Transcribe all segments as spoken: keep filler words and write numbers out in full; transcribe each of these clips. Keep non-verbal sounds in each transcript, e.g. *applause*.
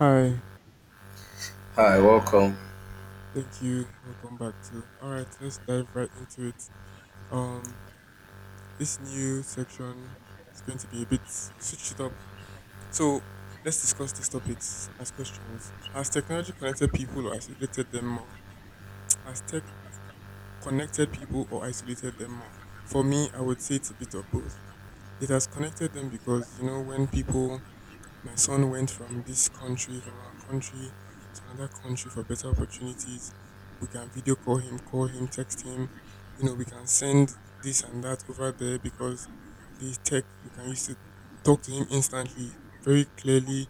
Hi, Hi, welcome. thank you. Welcome back to. All right, let's dive right into it. Um, this new section is going to be a bit switched it up. So let's discuss these topics as questions. Has technology connected people or isolated them more? Has tech connected people or isolated them more? For me, I would say it's a bit of both. It has connected them because you know when people my son went from this country, from our country to another country for better opportunities. We can video call him, call him, text him. You know, we can send this and that over there because the tech we can use to talk to him instantly, very clearly,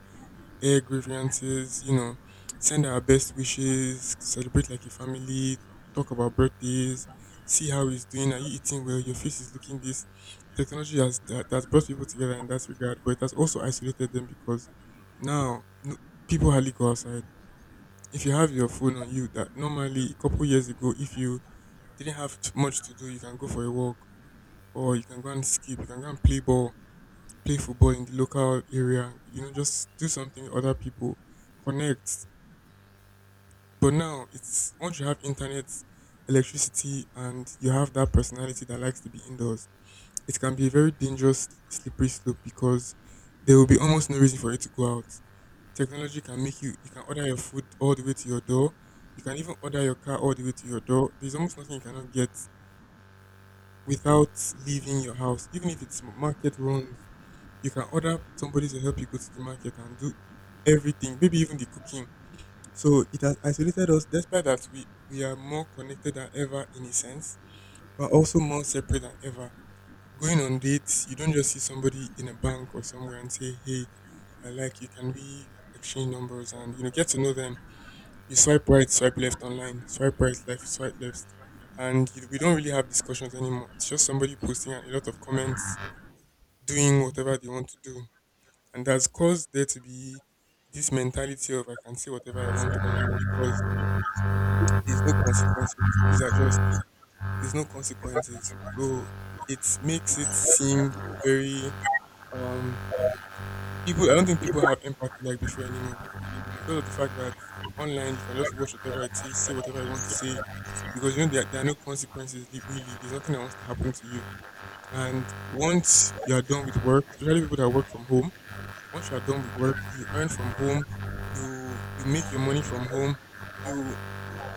air grievances, you know, send our best wishes, celebrate like a family, talk about birthdays, see how he's doing. Are you eating well? Your face is looking this. Technology has that has brought people together in that regard, but it has also isolated them because now no, people hardly go outside. If you have your phone on you, that normally a couple years ago, if you didn't have t- much to do, you can go for a walk or you can go and skip, you can go and play ball play football in the local area, you know, just do something with other people, connect. But now it's once you have internet, electricity, and you have that personality that likes to be indoors, it can be a very dangerous, slippery slope because there will be almost no reason for you to go out. Technology can make you, you can order your food all the way to your door. You can even order your car all the way to your door. There's almost nothing you cannot get without leaving your house, even if it's market runs. You can order somebody to help you go to the market and do everything, maybe even the cooking. So it has isolated us, despite that we, we are more connected than ever in a sense, but also more separate than ever. Going on dates, you don't just see somebody in a bank or somewhere and say, hey, I like you, can we exchange numbers and you know get to know them. You swipe right, swipe left online, swipe right, left, swipe left. And you, we don't really have discussions anymore. It's just somebody posting and a lot of comments, doing whatever they want to do. And that's caused there to be this mentality of I can say whatever I want online because there's no consequences. These are just there's no consequences. So it makes it seem very um people I don't think people have empathy like before anymore. Because of the fact that online you can just watch whatever it is, say whatever you want to say. Because you know there, there are no consequences li- really. There's nothing that wants to happen to you. And once you are done with work, especially people that work from home once you're done with work, you earn from home, you you make your money from home, you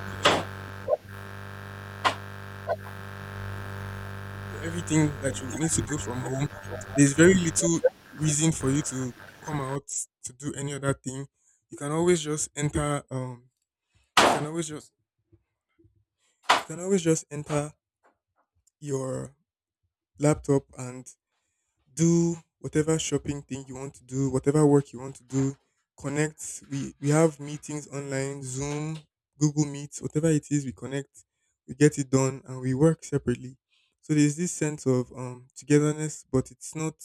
do everything, you do everything that you need to do from home. There's very little reason for you to come out to do any other thing. You can always just enter um you can always just you can always just enter your laptop and do whatever shopping thing you want to do, whatever work you want to do, connect. We we have meetings online, Zoom, Google Meet, whatever it is, we connect, we get it done and we work separately. So there's this sense of um togetherness, but it's not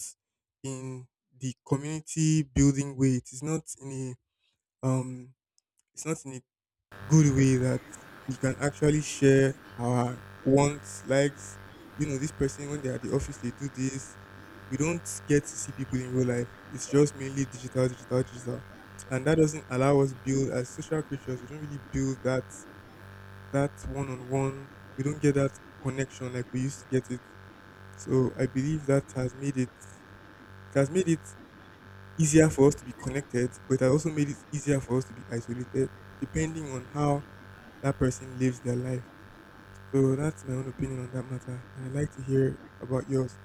in the community building way. It is not in a um it's not in a good way that we can actually share our wants, likes. You know, this person when they're at the office, they do this. We don't get to see people in real life. It's just mainly digital, digital, digital, and that doesn't allow us build as social creatures. We don't really build that that one on one. We don't get that connection like we used to get it. So I believe that has made it it has made it easier for us to be connected, but it has also made it easier for us to be isolated, depending on how that person lives their life. So that's my own opinion on that matter, and I'd like to hear about yours.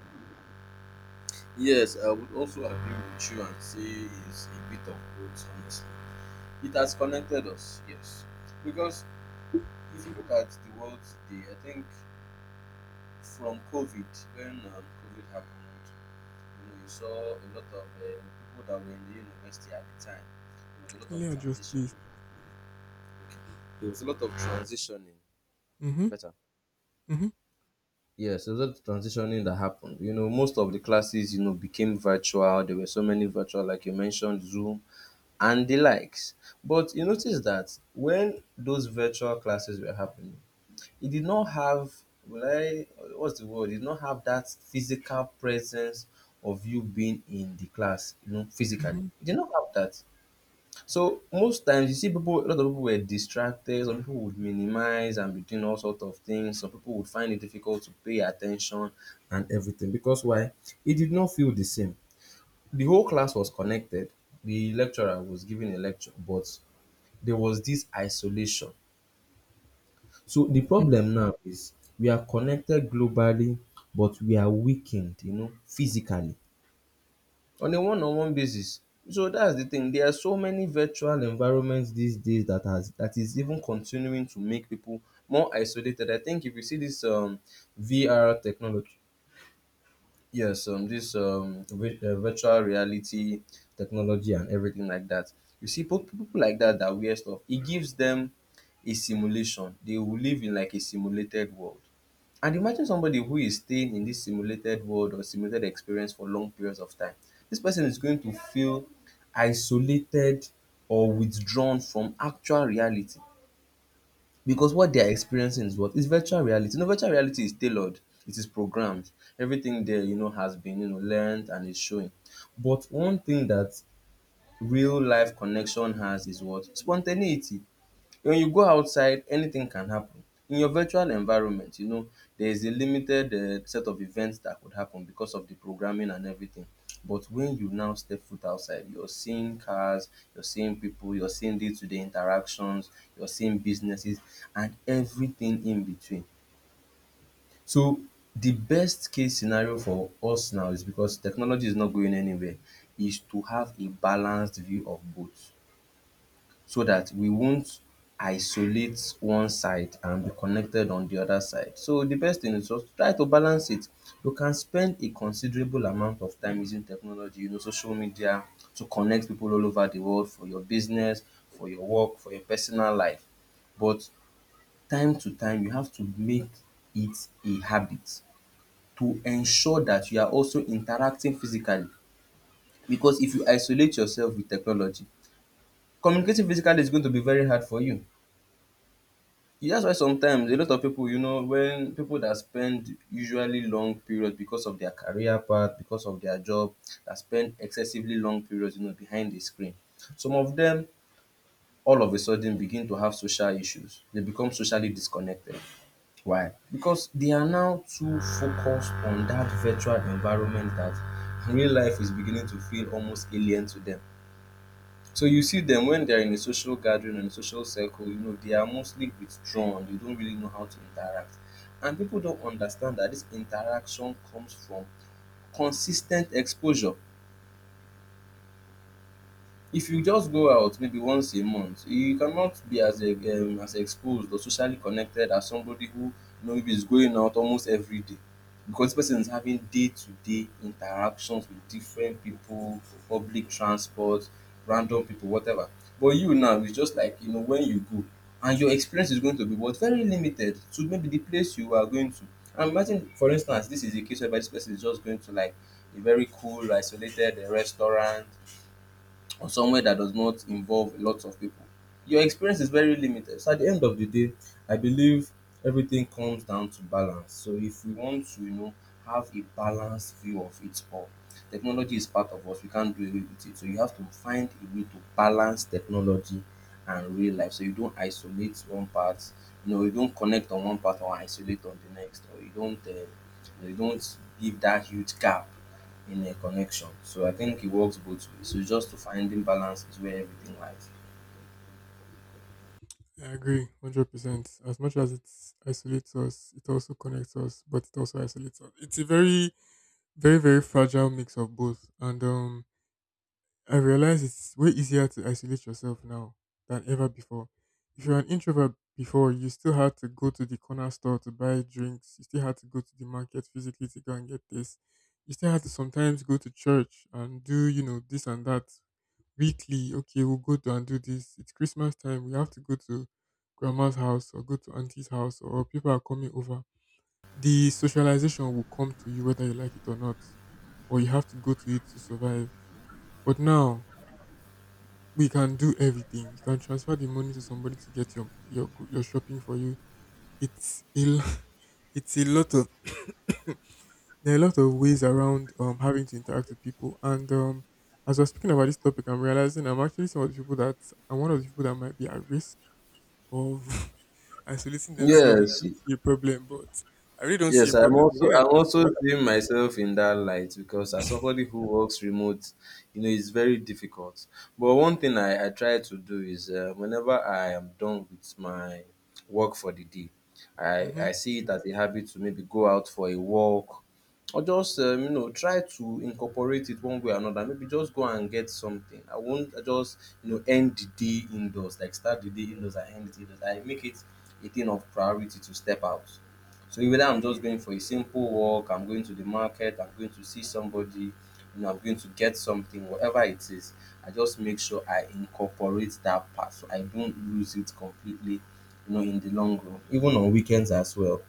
Yes, I would also agree with you and say it's a bit of both, honestly. It has connected us, yes. Because if you look at the world today, I think from COVID, when um, COVID happened, you know, you saw a lot of uh, people that were in the university at the time. There was a lot of Kindly adjust, transitioning. please. There was a lot of transitioning. Mm-hmm. Better. Mm-hmm. Yes, there was a lot of transitioning that happened. You know, most of the classes, you know, became virtual. There were so many virtual, like you mentioned, Zoom and the likes. But you notice that when those virtual classes were happening, it did not have will I what's the word? It did not have that physical presence of you being in the class, you know, physically. It did not have that. So most times you see people a lot of people were distracted, some people would minimize and be doing all sorts of things, some people would find it difficult to pay attention and everything. Because why? It did not feel the same. The whole class was connected. The lecturer was giving a lecture, but there was this isolation. So the Mm-hmm. problem now is we are connected globally, but we are weakened, you know, physically on a one-on-one basis. So that's the thing. There are so many virtual environments these days that has that is even continuing to make people more isolated. I think if you see this um, V R technology, yes, um this um vi- uh, virtual reality technology and everything like that. You see po- people like that, that wear stuff, it gives them a simulation. They will live in like a simulated world, and imagine somebody who is staying in this simulated world or simulated experience for long periods of time, this person is going to feel isolated or withdrawn from actual reality, because what they are experiencing is what is virtual reality. You know, virtual reality is tailored, it is programmed. Everything there, you know, has been, you know, learned and is showing. But one thing that real life connection has is what? Spontaneity. When you go outside, anything can happen. In your virtual environment, you know, there is a limited um set of events that could happen because of the programming and everything. But when you now step foot outside, you're seeing cars, you're seeing people, you're seeing day to day interactions, you're seeing businesses, and everything in between. So, the best case scenario for us now, is because technology is not going anywhere, is to have a balanced view of both, so that we won't isolate one side and be connected on the other side. So the best thing is just try to balance it. You can spend a considerable amount of time using technology, you know, social media, to connect people all over the world for your business, for your work, for your personal life. But time to time, you have to make it a habit to ensure that you are also interacting physically. Because if you isolate yourself with technology, communicating physically is going to be very hard for you. Yeah. That's why sometimes a lot of people, you know, when people that spend usually long periods because of their career path, because of their job, that spend excessively long periods, you know, behind the screen. Some of them all of a sudden begin to have social issues. They become socially disconnected. Why? Because they are now too focused on that virtual environment that real life is beginning to feel almost alien to them. So you see dem when they are in a social gathering or in a social circle, you know, they are mostly withdrawn. They don't really know how to interact. And people don't understand that this interaction comes from consis ten t exposure. If you just go out maybe once a month, you cannot be as e um as exposed or socially connected as somebody who, you know, maybe is going out almost every day, because this person is having day to day interactions with different people, public transport, random people, whatever. But you now it's just like, you know, when you go, and your experience is going to be what, very limited to maybe the place you are going to. And imagine for instance this is a case where this person is just going to like a very cool isolated um restaurant or somewhere that does not involve lots of people. Your experience is very limited. So at the end of the day, I believe everything comes down to balance. So if we want to, you know, have a balanced view of it all, technology is part of us. We can't do away with it. So you have to find a way to balance technology and real life. So you don't isolate one part, you know, you don't connect on one part or isolate on the next, or you don't, uh, you don't give that huge gap in a connection. So I think it works both ways. So just to finding balance is where everything lies. I agree, hundred percent. As much as it isolates us, it also connects us, but it also isolates us. It's a very, very, very fragile mix of both, and um, I realize it's way easier to isolate yourself now than ever before. If you're an introvert before, you still had to go to the corner store to buy drinks. You still had to go to the market physically to go and get this. You still had to sometimes go to church and do, you know, this and that weekly. Okay, we'll go to and do this. It's Christmas time. We have to go to grandma's house or go to auntie's house or people are coming over. The socialization will come to you whether you like it or not, or you have to go to it to survive. But now, we can do everything. You can transfer the money to somebody to get your your go- your shopping for you. It's a lo- *laughs* it's a lot of *coughs* there are a lot of ways around um having to interact with people. And um as we're speaking about this topic, I'm realizing I'm actually some of the people that I'm one of the people that might be at risk of *laughs* isolating themselves. And I Yes. don't see a problem, but I really don't see a Yes, I'm problem. But when also I I'm think also about seeing myself in that light because as somebody who works remote, you know, it's very difficult. But one thing I, I try to do is uh, whenever I am done with my work for the day, I, mm-hmm, I see it as a habit to maybe go out for a walk or just um, you know, try to incorporate it one way or another. Maybe just go and get something. I won't just, you know, end the day indoors, like start the day indoors and end it indoors. I make it a thing of priority to step out. So whether I'm just going for a simple walk, I'm going to the market, I'm going to see somebody, you know, I'm going to get something, whatever it is, I just make sure I incorporate that part so I don't lose it completely, you know, in the long run, even on weekends as well.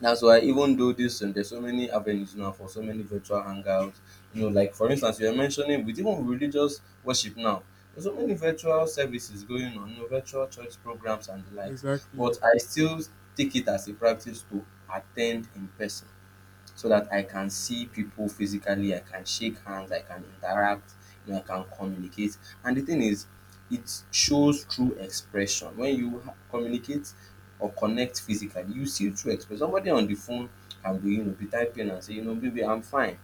That's why, even though this um, there's so many avenues now for so many virtual hangouts, you know, like for instance, you were mentioning with even religious worship now. There's so many virtual services going on, you know, virtual church programs and the likes. exactly, But I still take it as a practice to attend in person so that I can see people physically, I can shake hands, I can interact, you know, I can communicate. And the thing is, it shows through expression. When you ha- communicate or connect physically, you see through expression. Somebody on the phone can be, you know, be typing and say, you know, baby, I'm fine.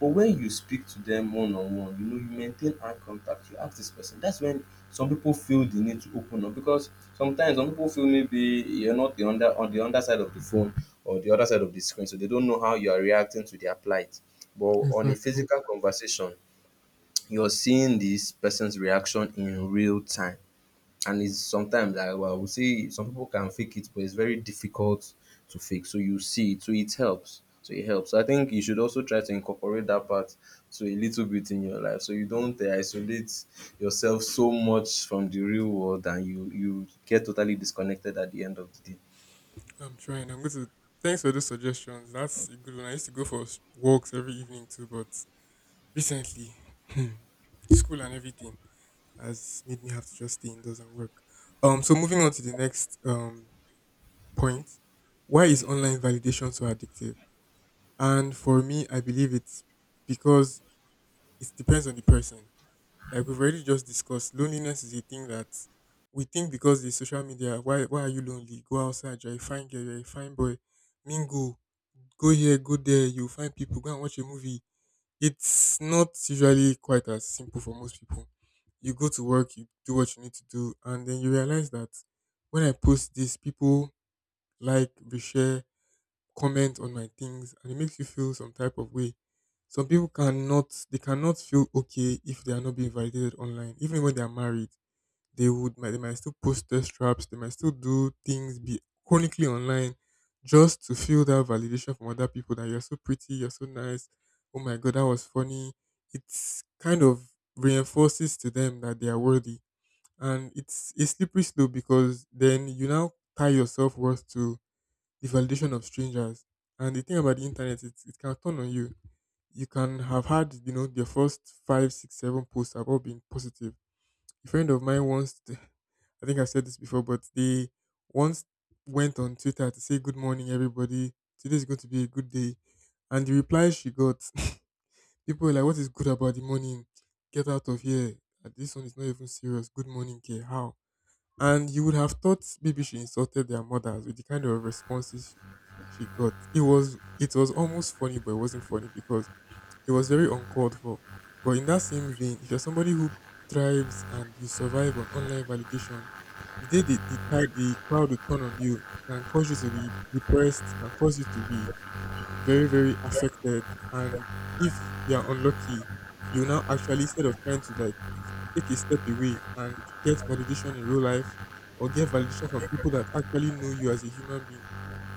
But when you speak to them one on one, you know, you maintain eye contact, you ask this person. That's when some people feel the need to open up, because sometimes some people feel maybe you're not the under on the underside of the phone or the other side of the screen, so they don't know how you are reacting to their plight. But on a exactly. physical conversation, you're seeing this person's reaction in real time. And it's sometimes I, well, I would say some people can fake it, but it's very difficult to fake. So you see it, so it helps. So it helps. So I think you should also try to incorporate that part to a little bit in your life, so you don't uh, isolate yourself so much from the real world, and you you get totally disconnected at the end of the day. I'm trying. I'm going to. Thanks for those suggestions. That's a good one. I used to go for s- walks every evening too, but recently, *clears throat* school and everything has made me have to just stay indoors and work. Um. So moving on to the next um point, why is online validation so addictive? And for me, I believe it's because it depends on the person. Like we've already just discussed, loneliness is a thing that we think because the social media. Why? Why are you lonely? Go outside. You're a fine girl. You're a fine boy. Mingle, go here, go there, you find people, go and watch a movie. It's not usually quite as simple for most people. You go to work, you do what you need to do, and then you realize that when I post this, people like, reshare, comment on my things, and it makes you feel some type of way. Some people cannot, they cannot feel okay if they are not being validated online, even when they are married they would might they might still post test traps, they might still do things be chronically online just to feel that validation from other people that you're so pretty, you're so nice, oh my god, that was funny. It's kind of reinforces to them that they are worthy. And it's a slippery slope because then you now tie your self worth to the validation of strangers. And the thing about the internet, it, it can turn on you. You can have had, you know, your first five, six, seven posts have all been positive. A friend of mine once, t- *laughs* I think I've said this before, but they once went on Twitter to say good morning, everybody. Today's going to be a good day. And the reply she got, *laughs* people were like, what is good about the morning? Get out of here. Uh, This one is not even serious. Good morning, care. How? And you would have thought maybe she insulted their mothers with the kind of responses she she got. It was it was almost funny, but it wasn't funny because it was very uncalled for. But in that same vein, if you're somebody who thrives and you survive on online validation, the day the, the, tide, the crowd will turn on you, can cause you to be depressed, can cause you to be very, very affected. And if you're unlucky, you now actually, instead of trying to like take a step away and get validation in real life or get validation from people that actually know you as a human being,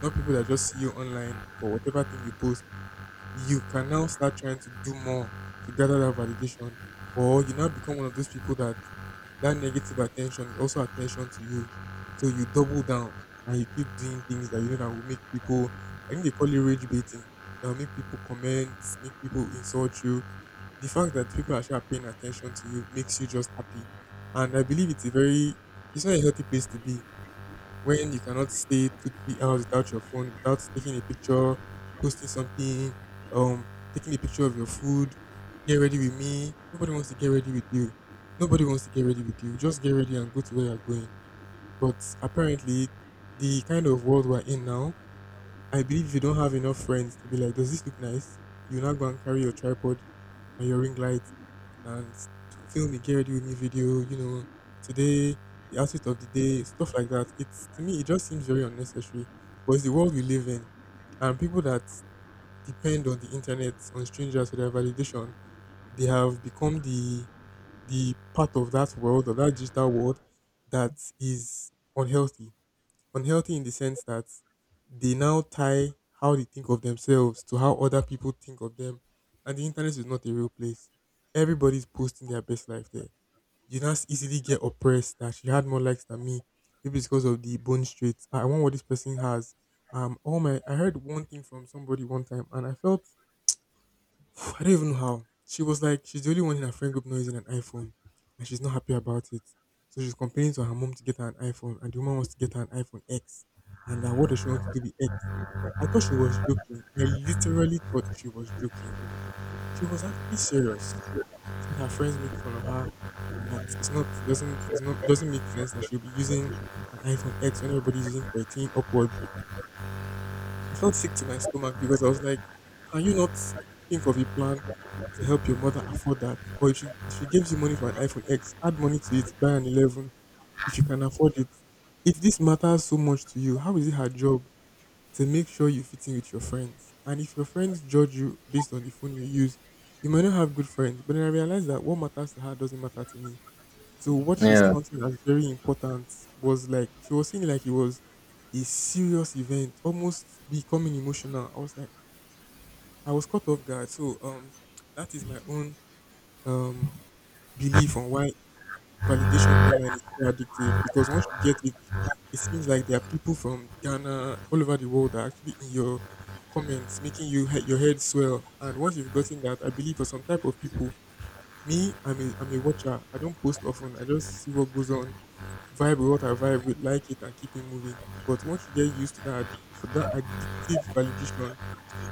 not people that just see you online for whatever thing you post you can now start trying to do more to gather that validation, or you now become one of those people that that negative attention is also attention to you. So you double down and you keep doing things that you know that will make people. I think they call it rage baiting. That will make people comment, make people insult you. The fact that people are actually paying attention to you makes you just happy, and I believe it's a very it's not a healthy place to be when you cannot stay two, three hours without your phone, without taking a picture, posting something, um, taking a picture of your food, get ready with me. Nobody wants to get ready with you. Nobody wants to get ready with you. Just get ready and go to where you're going. But apparently, the kind of world we're in now, I believe if you don't have enough friends to be like, does this look nice? You now go and carry your tripod and your ring light and film a Get Ready With Me video, you know, today, the outfit of the day, stuff like that. It's to me, it just seems very unnecessary. But it's the world we live in. And people that depend on the internet, on strangers for their validation, they have become the the part of that world, of that digital world, that is unhealthy unhealthy in the sense that they now tie how they think of themselves to how other people think of them. And the internet is not a real place. Everybody's posting their best life there. You now easily get oppressed that she had more likes than me. Maybe it's because of the bone straight. I want what this person has. Um, all my I heard one thing from somebody one time, and I felt *sighs* I don't even know how. She was like, she's the only one in her friend group not using an iPhone, and she's not happy about it. So she's complaining to her mom to get her an iPhone, and the woman wants to get her an iPhone X. And uh, what does she want to do with X? I thought she was joking. I literally thought she was joking. She was actually serious. She said her friends make fun of her, and that it's not doesn't it's not it doesn't make sense that she'll be using an iPhone X when everybody's using thirteen upward. I felt sick to my stomach because I was like, can you not think of a plan to help your mother afford that? Or if she if she gives you money for an iPhone X, add money to it, buy an eleven if you can afford it. If this matters so much to you, how is it her job to make sure you fit in with your friends? And if your friends judge you based on the phone you use, you might not have good friends. But then I realized that what matters to her doesn't matter to me. So what she's Yeah. counting as very important was like she was saying like it was a serious event, almost becoming emotional. I was like, I was caught off guard. So um, that is my own um belief on why validation online is so addictive, because once you get it, it seems like there are people from Ghana, all over the world, that are actually in your comments making you he- your head swell. And once you've gotten that, I believe for some type of people, me, I'm a I'm a watcher. I don't post often. I just see what goes on, vibe with what I vibe with, like it, and keep it moving. But once you get used to that, addic- for that addictive validation,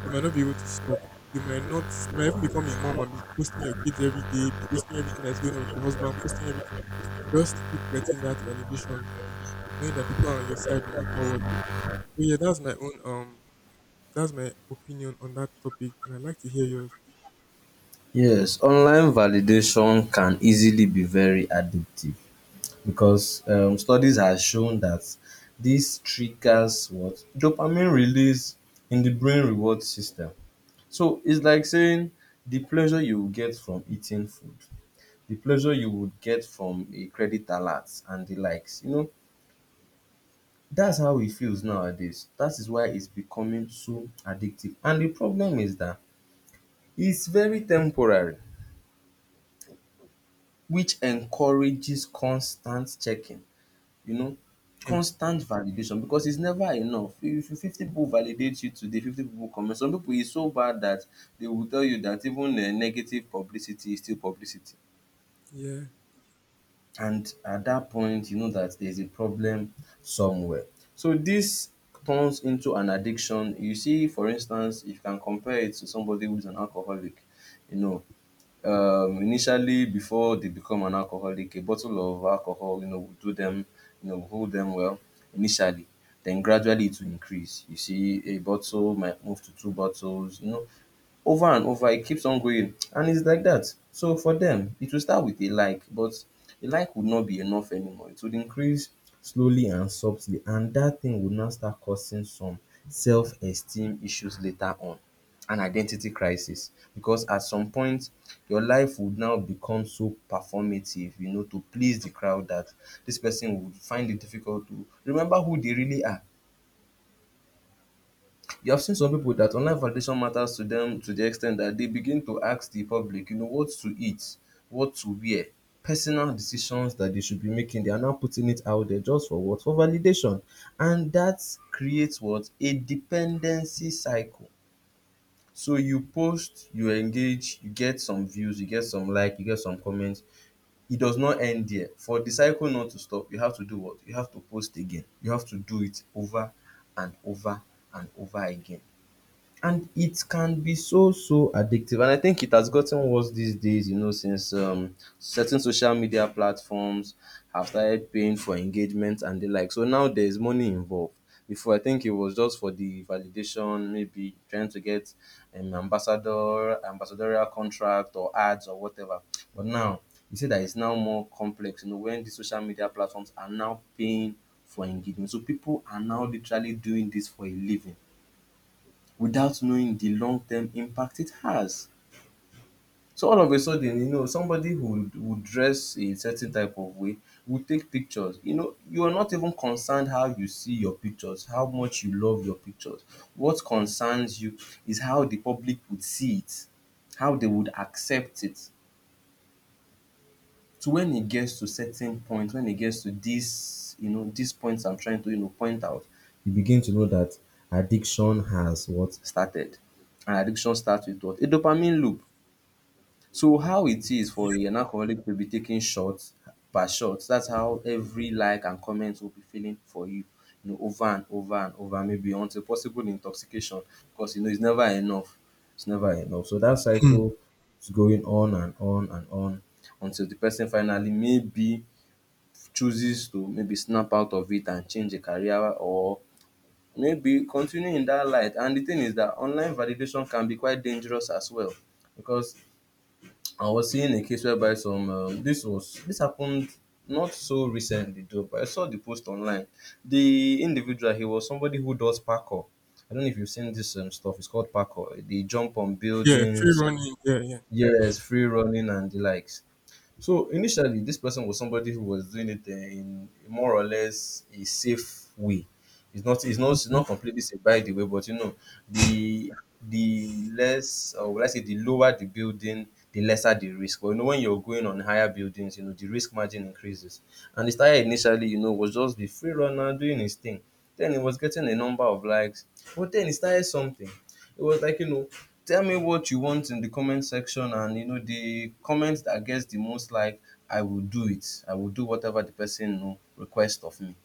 you might not be able to stop. You might not, you might even become a mom and be posting your kids every day, posting everything that's going on with your husband, posting everything, just to keep getting that validation, knowing that people are on your side no matter what. So yeah, that's my own um, that's my opinion on that topic, and I'd like to hear yours. Yes, online validation can easily be very addictive, because um, studies have shown that this triggers what, dopamine release in the brain reward system. So it's like saying the pleasure you will get from eating food, the pleasure you would get from a credit alert and the likes. You know, that's how it feels nowadays. That is why it's becoming so addictive. And the problem is that it's very temporary, which encourages constant checking. You know, Hmm. constant validation, because it's never enough. If if fifty people validate you today, fifty people comment. Some people is so bad that they will tell you that even um negative publicity is still publicity, Yeah, and at that point you know that there's a problem somewhere. So this turns into an addiction. You see, for instance, if you can compare it to somebody who's an alcoholic, you know, um, initially before they become an alcoholic, a bottle of alcohol, you know, will do them, you know, will hold them well initially. Then gradually it will increase. You see, a bottle might move to two bottles, you know, over and over it keeps on going, and it's like that. So for them it will start with a like, but a like would not be enough anymore, it would increase slowly and subtly, and that thing would now start causing some self-esteem issues later on and identity crisis, because at some point your life would now become so performative you know to please the crowd, that this person would find it difficult to remember who they really are. You have seen some people that online validation matters to them to the extent that they begin to ask the public, you know, what to eat, what to wear, personal decisions that they should be making. They are now putting it out there just for what? For validation. And that creates what? A dependency cycle. So you post, you engage, you get some views, you get some like, you get some comments. It does not end there. For the cycle not to stop, you have to do what? You have to post again. You have to do it over and over and over again, and it can be so so addictive. And I think it has gotten worse these days, you know since um, certain social media platforms have started paying for engagement and the like, so now there's money involved. Before, I think it was just for the validation, maybe trying to get an ambassador ambassadorial contract or ads or whatever, but now you see that it's now more complex, you know when the social media platforms are now paying for engagement, so people are now literally doing this for a living without knowing the long-term impact it has. So all of a sudden, you know, somebody who would dress a certain type of way would take pictures. You know, you are not even concerned how you see your pictures, how much you love your pictures. What concerns you is how the public would see it, how they would accept it. So when it gets to certain point, when it gets to this, you know, these points I'm trying to, you know, point out, you begin to know that addiction has what? Started. And addiction starts with what? A dopamine loop. So how it is for yeah. an alcoholic to be taking shots per shots, that's how every like and comment will be feeling for you, you know, over and over and over, maybe until possible intoxication, because you know it's never enough. It's never enough. So that Hmm. cycle is going on and on and on until the person finally maybe chooses to maybe snap out of it and change a career or maybe continue in that light. And the thing is that online validation can be quite dangerous as well, because I was seeing a case whereby some um, this was this happened not so recently though, but I saw the post online. The individual, he was somebody who does parkour. I don't know if you've seen this um, stuff. It's called parkour. They jump on Yeah, free buildings, running, yeah, yeah. yes, free running and the likes. So initially, this person was somebody who was doing it uh, in more or less a safe way. It's not it's not it's Okay. not completely safe, by the way, but you know, the the less, or let's say, the lower the building, the lesser the risk. But you know, when you're going on higher buildings, you know, the risk margin increases. And the started initially, you know, was just the free runner doing his thing. Then he was getting a number of likes. But then he started something. It was like, you know, tell me what you want in the comment section, and you know, the comment that gets the most like, I will do it. I will do whatever the person, you know, requests of me.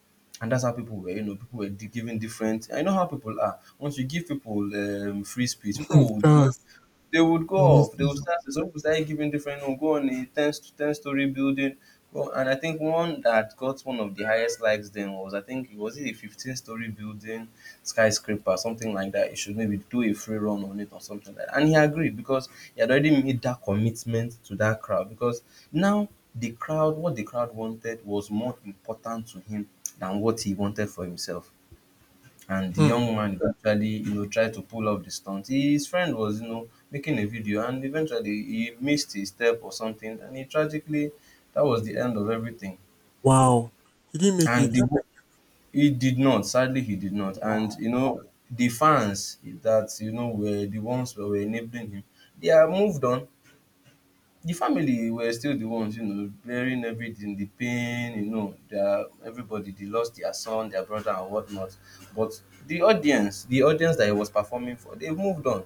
And that's how people were, you know, people were di- giving different. I know how people are. Once you give people um, free speech, *clears throat* Hmm. people would, you know, Chance, they would go you'll off. They would misuse it. start. Some people started giving different. We'll go on a ten st- ten story building. Well, and I think one that got one of the highest likes then was, I think, was it a fifteen story building, skyscraper, something like that. You should maybe do a free run on it or something like that. And he agreed because he had already made that commitment to that crowd, because now the crowd, what the crowd wanted was more important to him than what he wanted for himself. And the Hmm. young man eventually, you know tried to pull off the stunt. His friend was, you know making a video, and eventually he missed a step or something, and he tragically, that was the end of everything. Wow. He didn't make And it. the, he did not, sadly, he did not. And Wow. you know the fans that, you know were the ones that were enabling him, they are moved on. The family were still the ones, you know, bearing everything, the pain, you know, their everybody, they lost their son, their brother and whatnot. But the audience, the audience that he was performing for, they've moved on.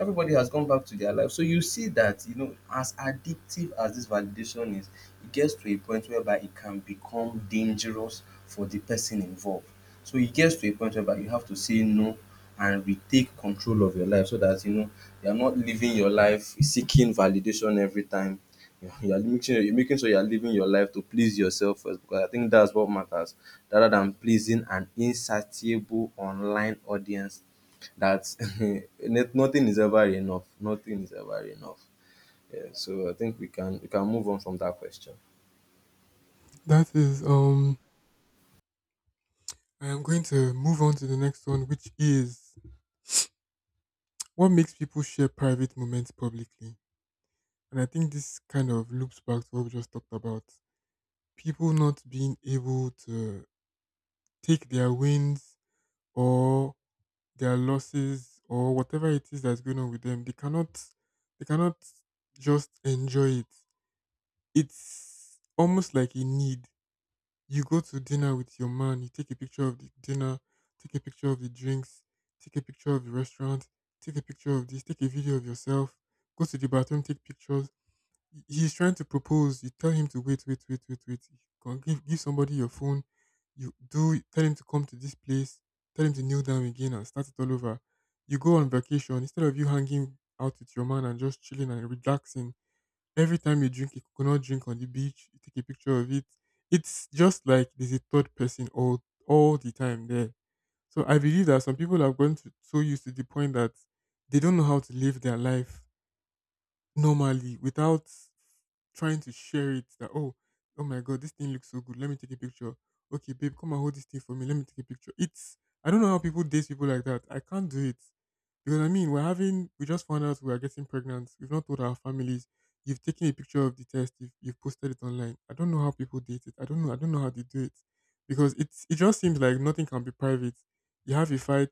Everybody has gone back to their life. So you see that, you know, as addictive as this validation is, it gets to a point whereby it can become dangerous for the person involved. So it gets to a point whereby you have to say no and retake control of your life, so that, you know, you're not living your life seeking validation every time. You're making sure, you're making sure you're living your life to please yourself first, because I think that's what matters, rather than pleasing an insatiable online audience that *laughs* net- nothing is ever enough. Nothing is ever enough. Yeah, so I think we can we can move on from that question. That is, um, I am going to move on to the next one, which is what makes people share private moments publicly. And I think this kind of loops back to what we just talked about. People not being able to take their wins or their losses or whatever it is that's going on with them. They cannot, they cannot just enjoy it. It's almost like a need. You go to dinner with your man, you take a picture of the dinner, take a picture of the drinks, take a picture of the restaurant, take a picture of this, take a video of yourself, go to the bathroom, take pictures. He- He's trying to propose. You tell him to wait, wait, wait, wait, wait. You can Give, give somebody your phone. You do tell him to come to this place. Tell him to kneel down again and start it all over. You go on vacation instead of you hanging out with your man and just chilling and relaxing. Every time you drink a coconut drink on the beach, you take a picture of it. It's just like there's a third person all all the time there. So I believe that some people have gotten to, so used to the point that they don't know how to live their life normally without trying to share it. That, oh, oh my god, this thing looks so good. Let me take a picture. Okay, babe, come and hold this thing for me. Let me take a picture. It's I don't know how people date people like that. I can't do it. You know what I mean? We're having, we just found out we are getting pregnant. We've not told our families. You've taken a picture of the test. You've, you've posted it online. I don't know how people date it. I don't know. I don't know how they do it, because it's, it just seems like nothing can be private. You have a fight.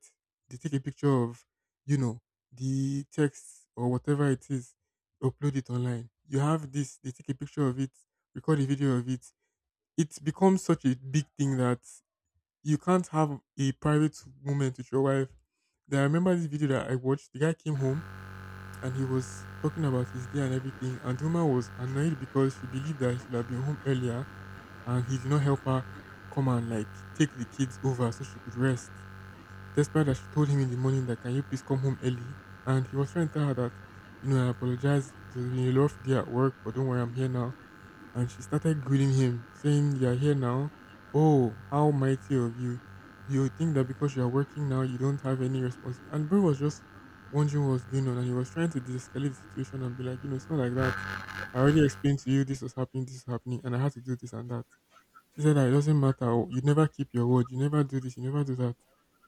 They take a picture of, you know, the text or whatever it is, upload it online. You have this. They take a picture of it, record a video of it. It becomes such a big thing that you can't have a private moment with your wife. Then I remember this video that I watched. The guy came home and he was talking about his day and everything. And the woman was annoyed because she believed that he should have been home earlier and he did not help her come and like take the kids over so she could rest, despite that she told him in the morning that, can you please come home early? And he was trying to tell her that, you know, I apologize, it was been a rough day at work, but don't worry, I'm here now. And she started grilling him, saying, you're here now. Oh, how mighty of you. You think that because you're working now you don't have any responsibility. And bro was just wondering what was going on, and he was trying to de-escalate the situation and be like, you know, it's not like that. I already explained to you, this was happening, this was happening, and I had to do this and that. She said that it doesn't matter. Oh, you never keep your word. You never do this. You never do that.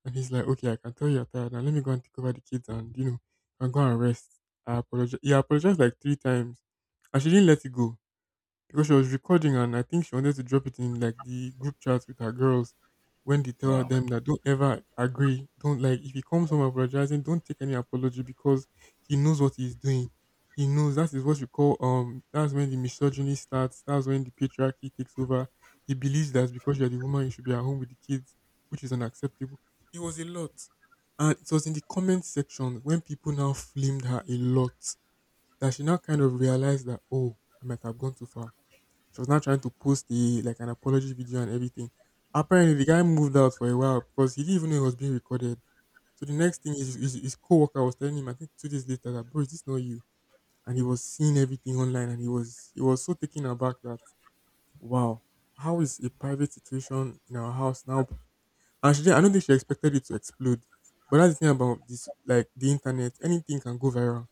And he's like, okay, I can tell you're tired. Now let me go and take over the kids and, you know, and go and rest. I apologize. He apologized like three times. And she didn't let it go because she was recording, and I think she wanted to drop it in like the group chat with her girls, when they tell Wow. them that, don't ever agree, don't, like, if he comes home apologizing, don't take any apology, because he knows what he's doing. He knows that is what you call, um that's when the misogyny starts, that's when the patriarchy takes over. He believes that because you're the woman you should be at home with the kids, which is unacceptable. It was a lot. And it was in the comment section when people now flamed her a lot that she now kind of realized that, oh, I might have gone too far. She was now trying to post the like an apology video and everything. Apparently, the guy moved out for a while because he didn't even know it was being recorded. So the next thing is, his, his co-worker was telling him, I think two days later, that bro, is this not you? And he was seeing everything online, and he was he was so taken aback that, wow, how is a private situation in our house now? And she, did I don't think she expected it to explode. But that's the thing about this, like, the internet, anything can go viral.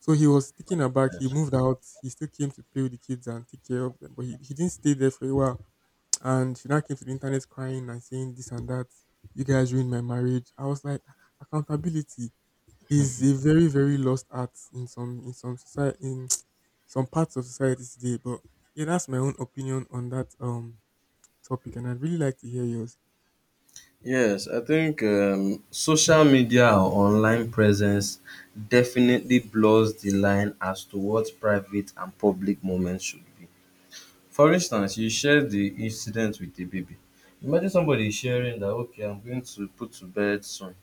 So he was taken aback. He Yes. moved out. He still came to play with the kids and take care of them, but he, he didn't stay there for a while. And she now came to the internet crying and saying this and that. You guys ruined my marriage. I was like, accountability is a very, very lost art in some, in some society, in *tsk* some parts of society today. But yeah, that's my own opinion on that um topic, and I'd really like to hear yours. Yes, I think um, social media or online presence definitely blurs the line as to what private and public moments should be. For instance, you share the incident with a baby. Imagine somebody sharing that, okay, I'm going to put to bed soon.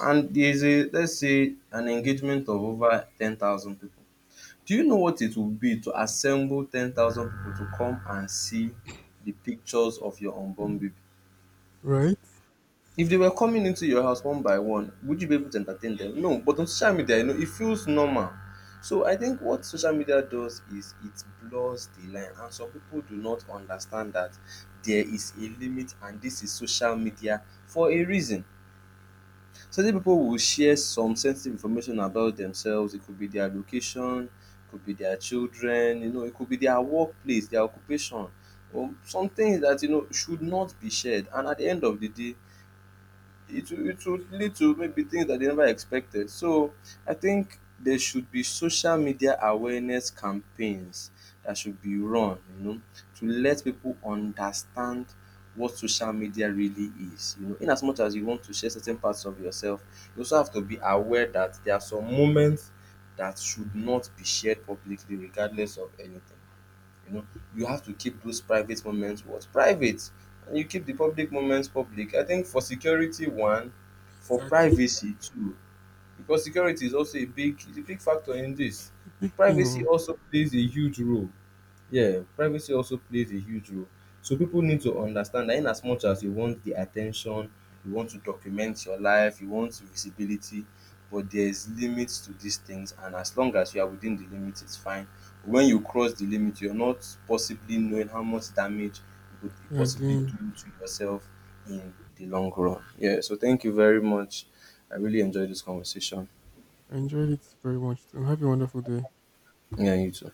And there's a, let's say, an engagement of over ten thousand people. Do you know what it would be to assemble ten thousand people to come and see the pictures of your unborn baby? Right? If they were coming into your house one by one, would you be able to entertain them? No, but on social media, you know, it feels normal. So I think what social media does is it blurs the line, and some people do not understand that there is a limit and this is social media for a reason. Certain pipu will share some sensitive information about themselves. It could be their location, it could be their children, you know, it could be their workplace, their occupation, or some things that you know should not be shared, and at the end of the day it will, it would lead to maybe things that they never expected. So I think there should be social media awareness campaigns that should be run, you know, to let people understand what social media really is. You know, in as much as you want to share certain parts of yourself, you also have to be aware that there are some moments that should not be shared publicly regardless of anything. You know, you have to keep those private moments what? Private. And you keep the public moments public. I think for security one, for Exactly. privacy two, because security is also a big is a big factor in this. It's a big thing Privacy oh, also plays a huge role. Yeah, privacy also plays a huge role. So people need to understand that in as much as you want the attention, you want to document your life, you want visibility, but there's limits to these things, and as long as you are within the limit it's fine. When you cross the limit, you're not possibly knowing how much damage you could be you're possibly doing. doing to yourself in the long run. Yeah, so thank you very much. I really enjoyed this conversation. I enjoyed it very much too. Have a wonderful day. Yeah, you too.